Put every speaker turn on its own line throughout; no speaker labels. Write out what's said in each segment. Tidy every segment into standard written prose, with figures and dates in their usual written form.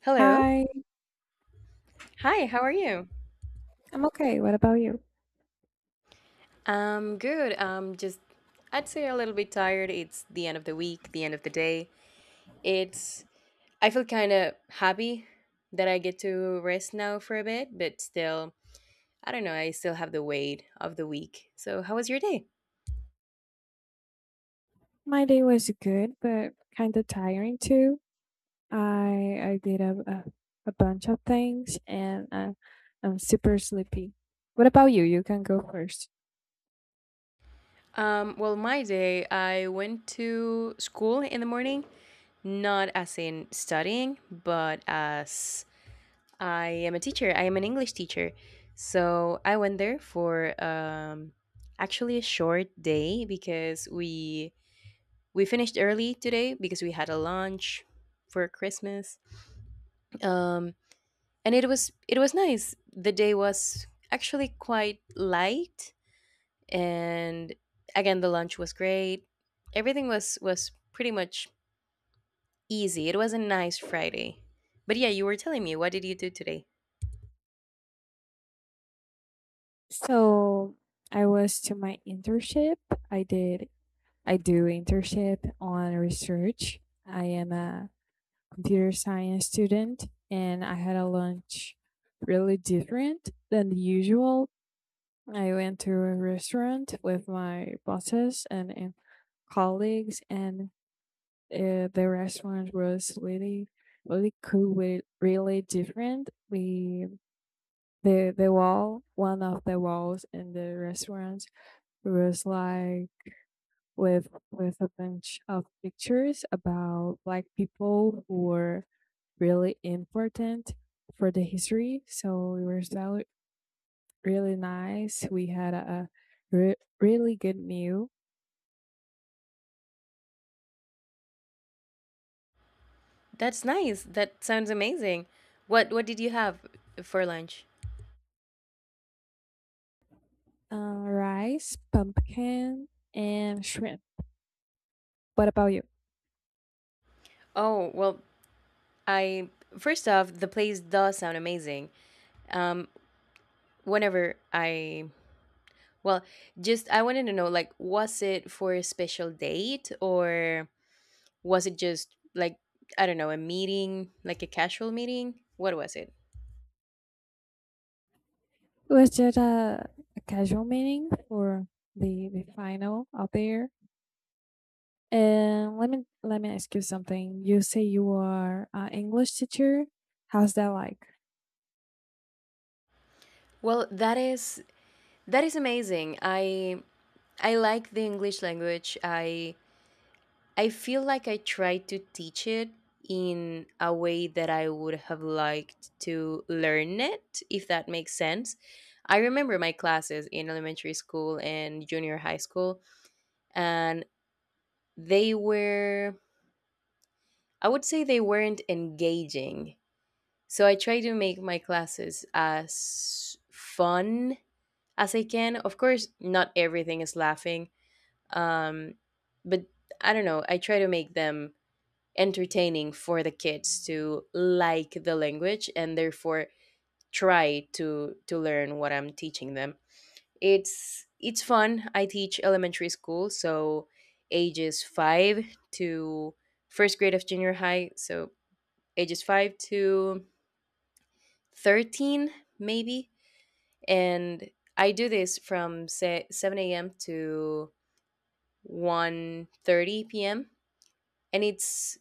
Hello.
Hi,
Hi, how are you?
I'm okay. What about you?
Good. Just I'd say a little bit tired. It's the end of the week, the end of the day. It's I feel kind of happy that I get to rest now for a bit, but still, I don't know, I still have the weight of the week. So, how was your day?
My day was good, but kind of tiring too. I did a bunch of things, and I'm super sleepy. What about you? You can go first.
Well, my day, I went to school in the morning, not as in studying, but as I am a teacher. I am an English teacher. So I went there for actually a short day because we finished early today because we had a lunch for Christmas. Um, and it was nice. The day was actually quite light, and again the lunch was great. Everything was pretty much easy. It was a nice Friday. But yeah, you were telling me, what did you do today?
So I was to my internship. I did I do internship on research. I am a computer science student, and I had a lunch really different than the usual. I went to a restaurant with my bosses and colleagues, and the restaurant was really, really cool. Really, really different. We the wall, one of the walls in the restaurant was like with a bunch of pictures about like people who were really important for the history. So it was really really nice. We had a re- really good meal.
That's nice. That sounds amazing. What did you have for lunch?
Rice, pumpkin, and shrimp. What about you?
Oh, well, I first off, the place does sound amazing. Um Whenever I well, just I wanted to know, like, was it for a special date, or was it just like, I don't know, a meeting, like a casual meeting? What was it?
Was just a casual meaning for the final out there. And let me ask you something. You say you are an English teacher. How's that like?
Well, that is amazing. I like the English language. I feel like I tried to teach it in a way that I would have liked to learn it, if that makes sense. I remember my classes in elementary school and junior high school, and they were, I would say, they weren't engaging. So I try to make my classes as fun as I can. Of course, not everything is laughing, um, but I don't know. I try to make them entertaining for the kids to like the language and therefore try to learn what I'm teaching them. It's fun. I teach elementary school, so ages 5 to first grade of junior high, so ages 5 to 13 maybe. And I do this from say 7 a.m. to 1:30 p.m. and it's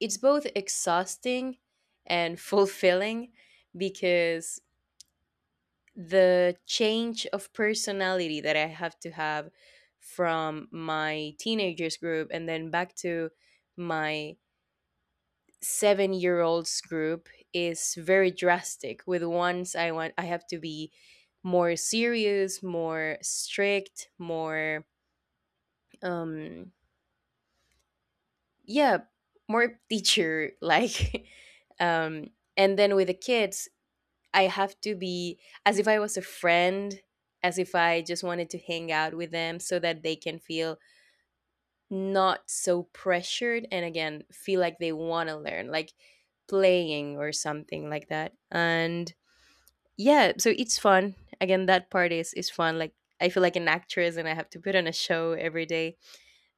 it's both exhausting and fulfilling because the change of personality that I have to have from my teenagers group and then back to my 7 year olds group is very drastic. With ones I want I have to be more serious, more strict, more um yeah, more teacher like um and then with the kids I have to be as if I was a friend, as if I just wanted to hang out with them so that they can feel not so pressured and again, feel like they want to learn, like playing or something like that. And yeah, so it's fun. Again, that part is fun, like I feel like an actress and I have to put on a show every day.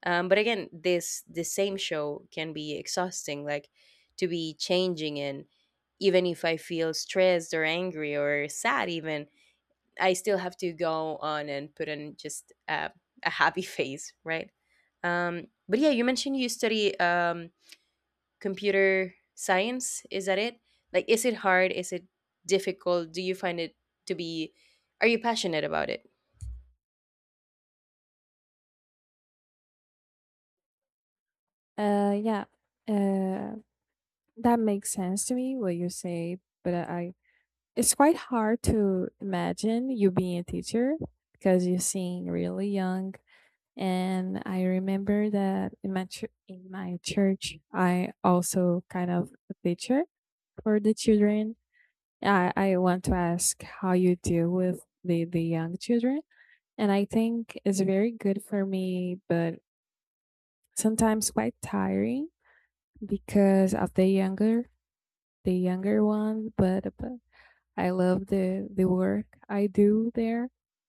But again, this the same show can be exhausting, like to be changing, and even if I feel stressed or angry or sad even, I still have to go on and put on just a happy face, right? But yeah, you mentioned you study computer science. Is that it? Like, is it hard? Is it difficult? Do you find it to be? Are you passionate about it?
Yeah. Uh, that makes sense to me. What you say, but I it's quite hard to imagine you being a teacher because you seem really young. And I remember that in in my church, I also kind of a teacher for the children. I want to ask how you deal with the young children. And I think it's very good for me, but sometimes quite tiring because of the younger one, but I love the work I do there.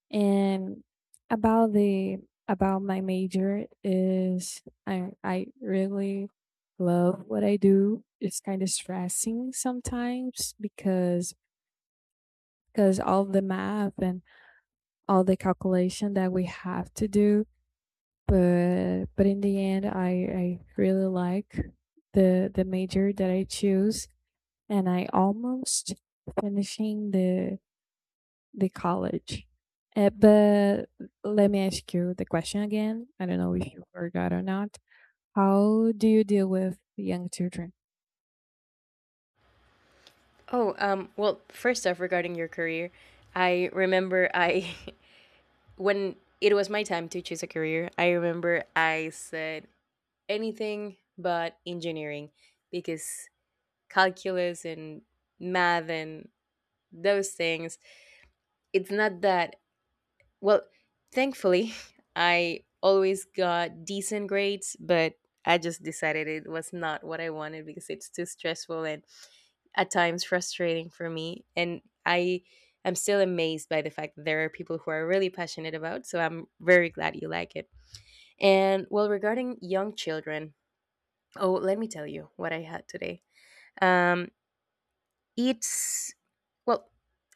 And about the about my major is I really love what I do. It's kind of stressing sometimes because all the math and all the calculation that we have to do. But in the end, I really like the major that I choose, and I almost finishing the college. But let me ask you the question again. I don't know if you forgot or not. How do you deal with young children?
Oh, well, first off, regarding your career, I remember when it was my time to choose a career, I remember I said, anything but engineering because calculus and math and those things, it's not that well, thankfully I always got decent grades, but I just decided it was not what I wanted because it's too stressful and at times frustrating for me, and I am still amazed by the fact that there are people who are really passionate about, so I'm very glad you like it. And well, regarding young children, oh, let me tell you what I had today. Um, it's well,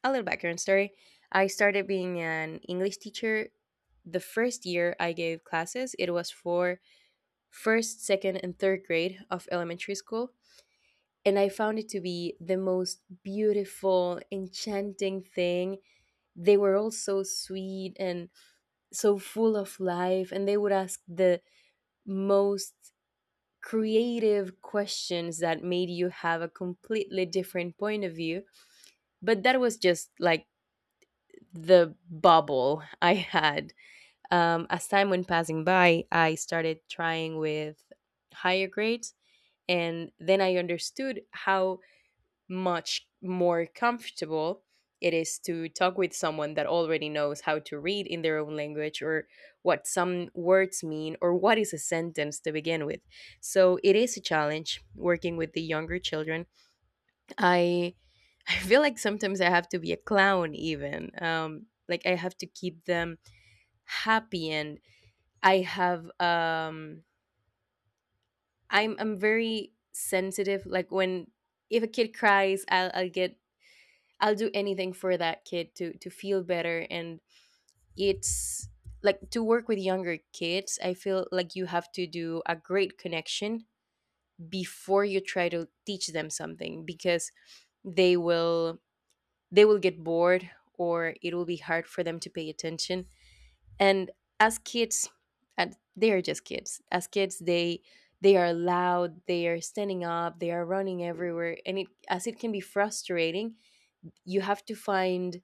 a little background story. I started being an English teacher. The first year I gave classes, it was for first, second, and third grade of elementary school. And I found it to be the most beautiful, enchanting thing. They were all so sweet and so full of life, and they would ask the most creative questions that made you have a completely different point of view. But that was just like the bubble I had. As time went passing by, I started trying with higher grades. And then I understood how much more comfortable it is to talk with someone that already knows how to read in their own language, or what some words mean, or what is a sentence to begin with. So it is a challenge working with the younger children. I I feel like sometimes I have to be a clown even. Like I have to keep them happy, and I have I'm very sensitive, like when if a kid cries, I'll get I'll do anything for that kid to feel better, and it's like to work with younger kids, I feel like you have to do a great connection before you try to teach them something because they will they will get bored or it will be hard for them to pay attention. And as kids, and they are just kids. As kids, they are loud, they are standing up, they are running everywhere, and it as it can be frustrating, you have to find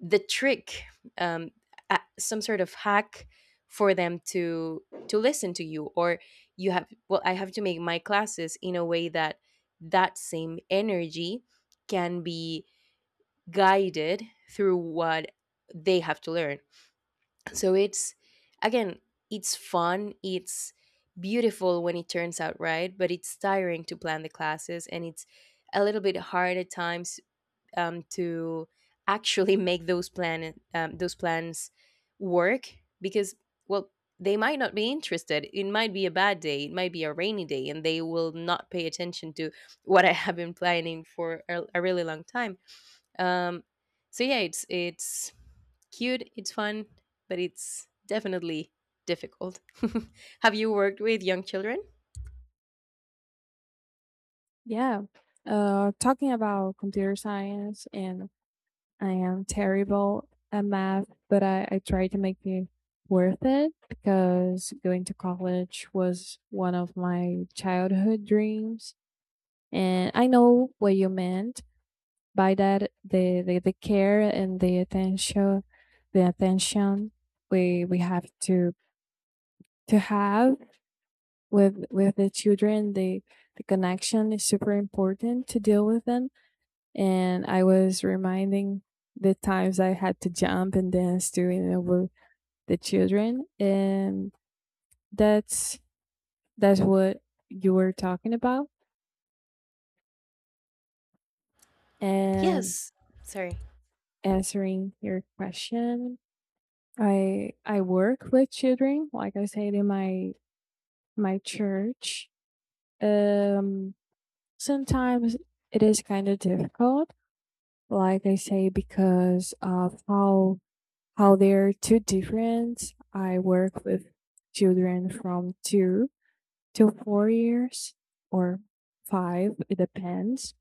the trick um a- some sort of hack for them to listen to you, or you have well, I have to make my classes in a way that that same energy can be guided through what they have to learn. So it's again it's fun, it's beautiful when it turns out right, but it's tiring to plan the classes, and it's a little bit hard at times to actually make those plan those plans work because well, they might not be interested, it might be a bad day, it might be a rainy day, and they will not pay attention to what I have been planning for a really long time. um, so yeah, it's cute, it's fun, but it's definitely difficult. Have you worked with young children?
Yeah. Talking about computer science, and I am terrible at math, but I try to make it worth it because going to college was one of my childhood dreams. And I know what you meant by that, the care and the attention we have to have with the children, the connection is super important to deal with them. And I was reminding the times I had to jump and dance doing over the children, and that's that's what you were talking about. And
Yes. Sorry.
answering your question, I work with children, like I said in my church. Um, Sometimes it is kind of difficult, like I say, because of how they're too different. I work with children from 2 to 4 years or five, it depends.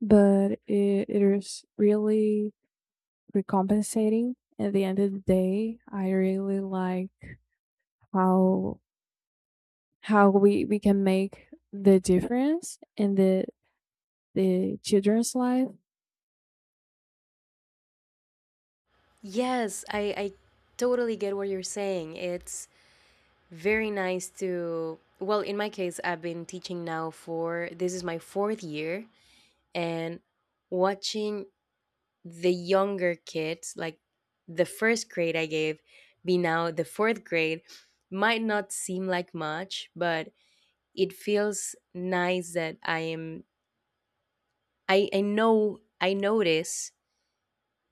But it is really recompensating. At the end of the day, I really like how how we can make the difference in the children's life.
Yes, I totally get what you're saying. It's very nice to, well, in my case, I've been teaching now for, this is my fourth year, and watching the younger kids, like the first grade I gave, be now the fourth grade, might not seem like much, but it feels nice that I am, I know, I notice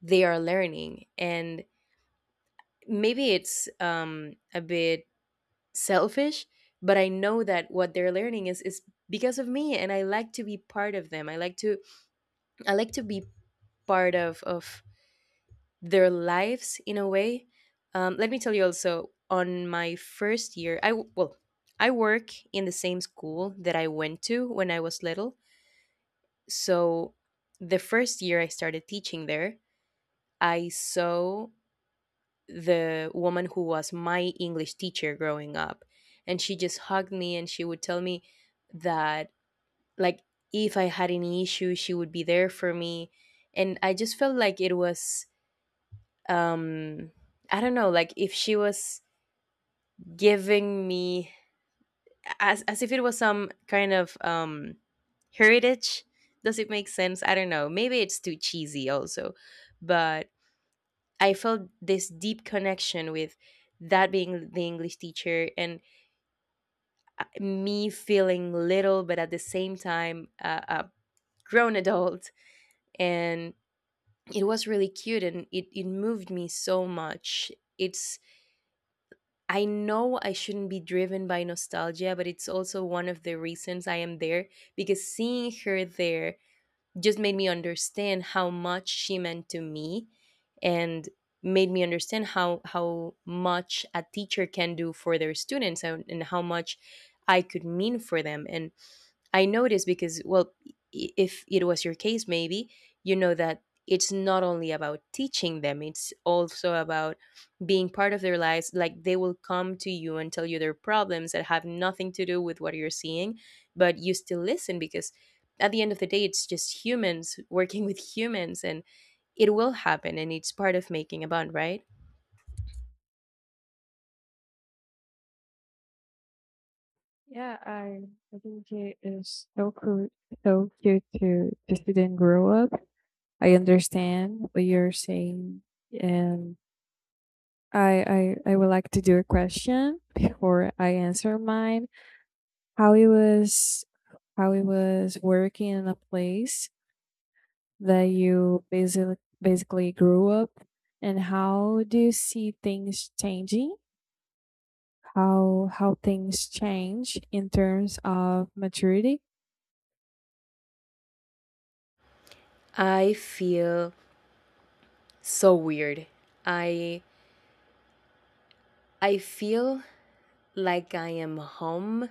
they are learning. And maybe it's a bit selfish, but I know that what they're learning is because of me, and I like to be part of them. I like to I like to be part of their lives in a way. Let me tell you also, on my first year, well, I work in the same school that I went to when I was little. So the first year I started teaching there, I saw the woman who was my English teacher growing up. And she just hugged me and she would tell me that, like, if I had any issue, she would be there for me. And I just felt like it was, um, I don't know, like if she was giving me as if it was some kind of heritage. Does it make sense? I don't know. Maybe it's too cheesy also, but I felt this deep connection with that being the English teacher, and me feeling little, but at the same time, a grown adult. And it was really cute and it moved me so much. It's, I know I shouldn't be driven by nostalgia, but it's also one of the reasons I am there, because seeing her there just made me understand how much she meant to me, and made me understand how much a teacher can do for their students, and how much I could mean for them. And I know this because, well, if it was your case, maybe you know that it's not only about teaching them, it's also about being part of their lives. Like they will come to you and tell you their problems that have nothing to do with what you're seeing, but you still listen because at the end of the day, it's just humans working with humans, and it will happen, and it's part of making a bond, right?
Yeah, I think it is so cool, so cute to see them grow up. I understand what you're saying, and I would like to do a question before I answer mine. How it was how it was working in a place that you basically grew up, and how do you see things changing how things change in terms of maturity.
I feel so weird. I feel like I am home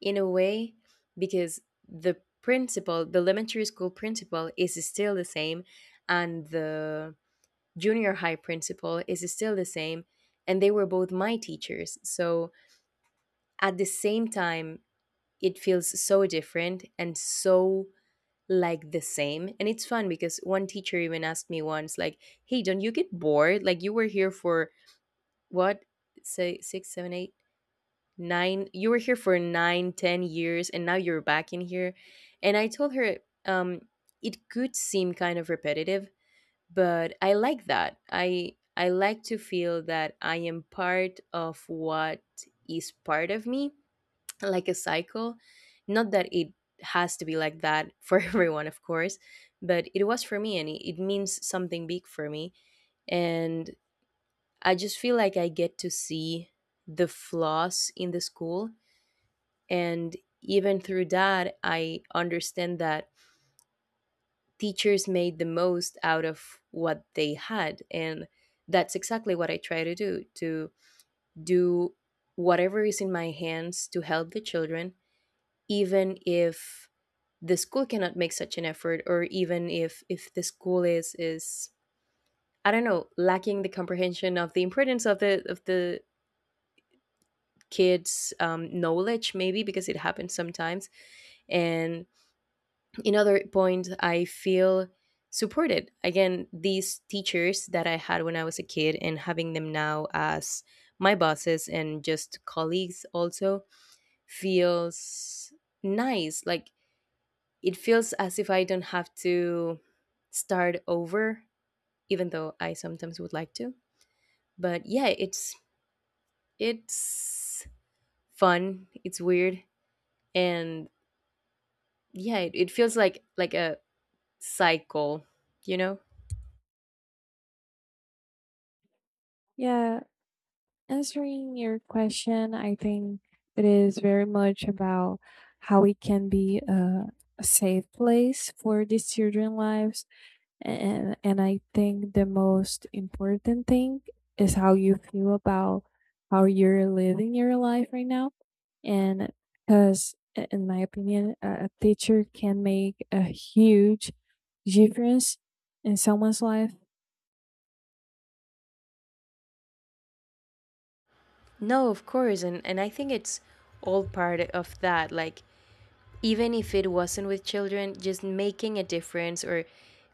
in a way because the principal, the elementary school principal is still the same, and the junior high principal is still the same, and they were both my teachers. So at the same time, it feels so different and so like the same, and it's fun because one teacher even asked me once, like, hey, don't you get bored, like you were here for what, say, 6, 7, 8, 9, you were here for 9, 10 years and now you're back in here. And I told her um it could seem kind of repetitive, but I like that I like to feel that I am part of what is part of me, like a cycle. Not that it has to be like that for everyone, of course, but it was for me, and it means something big for me. And I just feel like I get to see the flaws in the school, and even through that, I understand that teachers made the most out of what they had. And that's exactly what I try to do, to do whatever is in my hands to help the children, even if the school cannot make such an effort, or even if the school is I don't know, lacking the comprehension of the importance of the kids knowledge maybe, because it happens sometimes. And another point, I feel supported. Again, these teachers that I had when I was a kid and having them now as my bosses and just colleagues also feels nice. Like it feels as if I don't have to start over, even though I sometimes would like to. But yeah, it's fun. It's weird. And yeah, it feels like a cycle, you know?
Yeah, answering your question, I think it is very much about how it can be a safe place for these children lives, and I think the most important thing is how you feel about how you're living your life right now. And because, in my opinion, a teacher can make a huge difference in someone's life.
No, of course. And I think it's all part of that. Like even if it wasn't with children, just making a difference or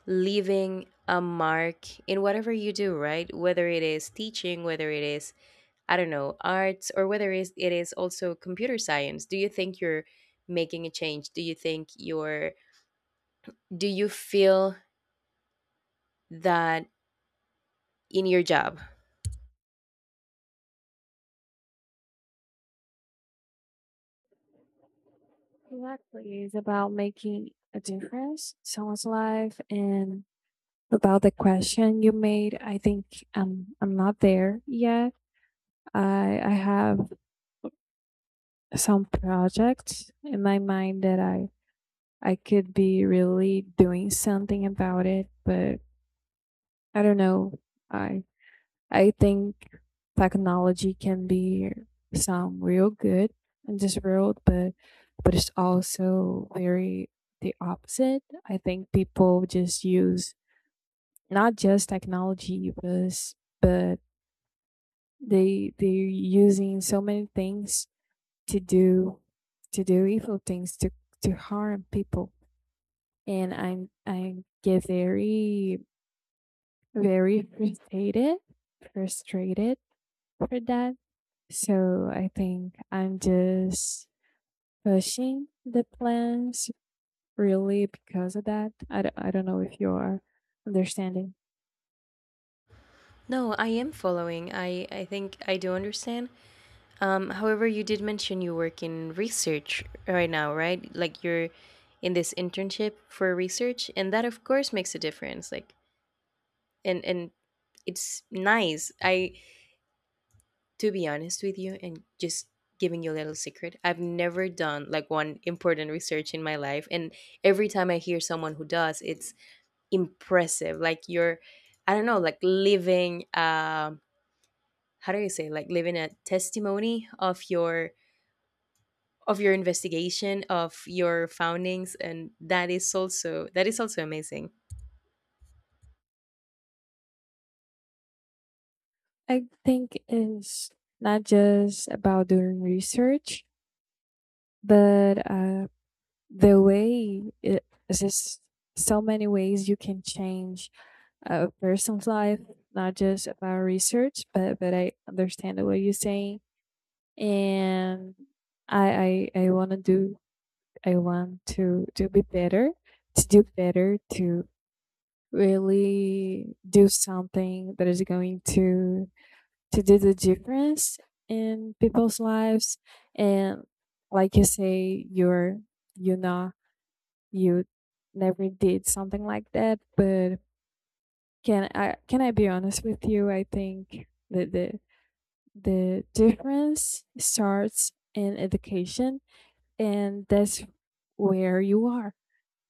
leaving a mark in whatever you do, right? Whether it is teaching, whether it is, I don't know, arts, or whether it is also computer science. Do you think you're making a change? Do you think you're, do you feel that in your job?
Exactly, it's about making a difference in someone's life. And about the question you made, I think I'm not there yet. I have some projects in my mind that I could be really doing something about it, but I don't know. I I think technology can be some real good in this world, but it's also very the opposite. I think people just use, not just technology, but but they're using so many things to do to do evil things to harm people, and I get very very frustrated, frustrated for that. So I think I'm just pushing the plans really because of that. I don't know if you are understanding.
No, I am following. I think I do understand. However, you did mention you work in research right now, right? Like you're in this internship for research, and that of course makes a difference. Like, and it's nice. I, to be honest with you, and just giving you a little secret, I've never done like one important research in my life, and every time I hear someone who does, it's impressive. Like you're, I don't know, like living. How do you say? Like living a testimony of your investigation of your foundings, and that is also, that is also amazing.
I think it's not just about doing research, but the way it is just so many ways you can change a person's life, not just about research, but I understand what you're saying. And I want to do I want to be better, to do better, to really do something that is going to do the difference in people's lives. And like you say, you're you know you never did something like that, but can I be honest with you? I think that the difference starts in education, and that's where you are.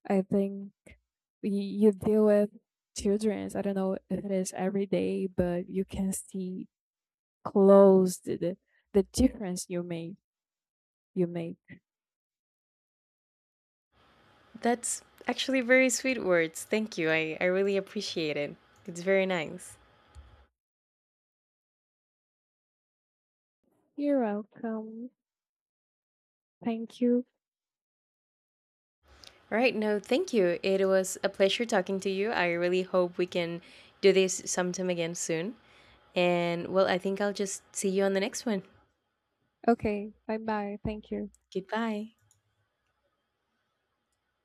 I think you deal with childrens. I don't know if it is every day, but you can see close the difference you made. You made.
That's actually very sweet words, thank you. I really appreciate it. It's very nice.
You're welcome. Thank you.
All right, no, thank you. It was a pleasure talking to you. I really hope we can do this sometime again soon, and well, I think I'll just see you on the next one.
Okay. Bye bye. Thank you.
Goodbye.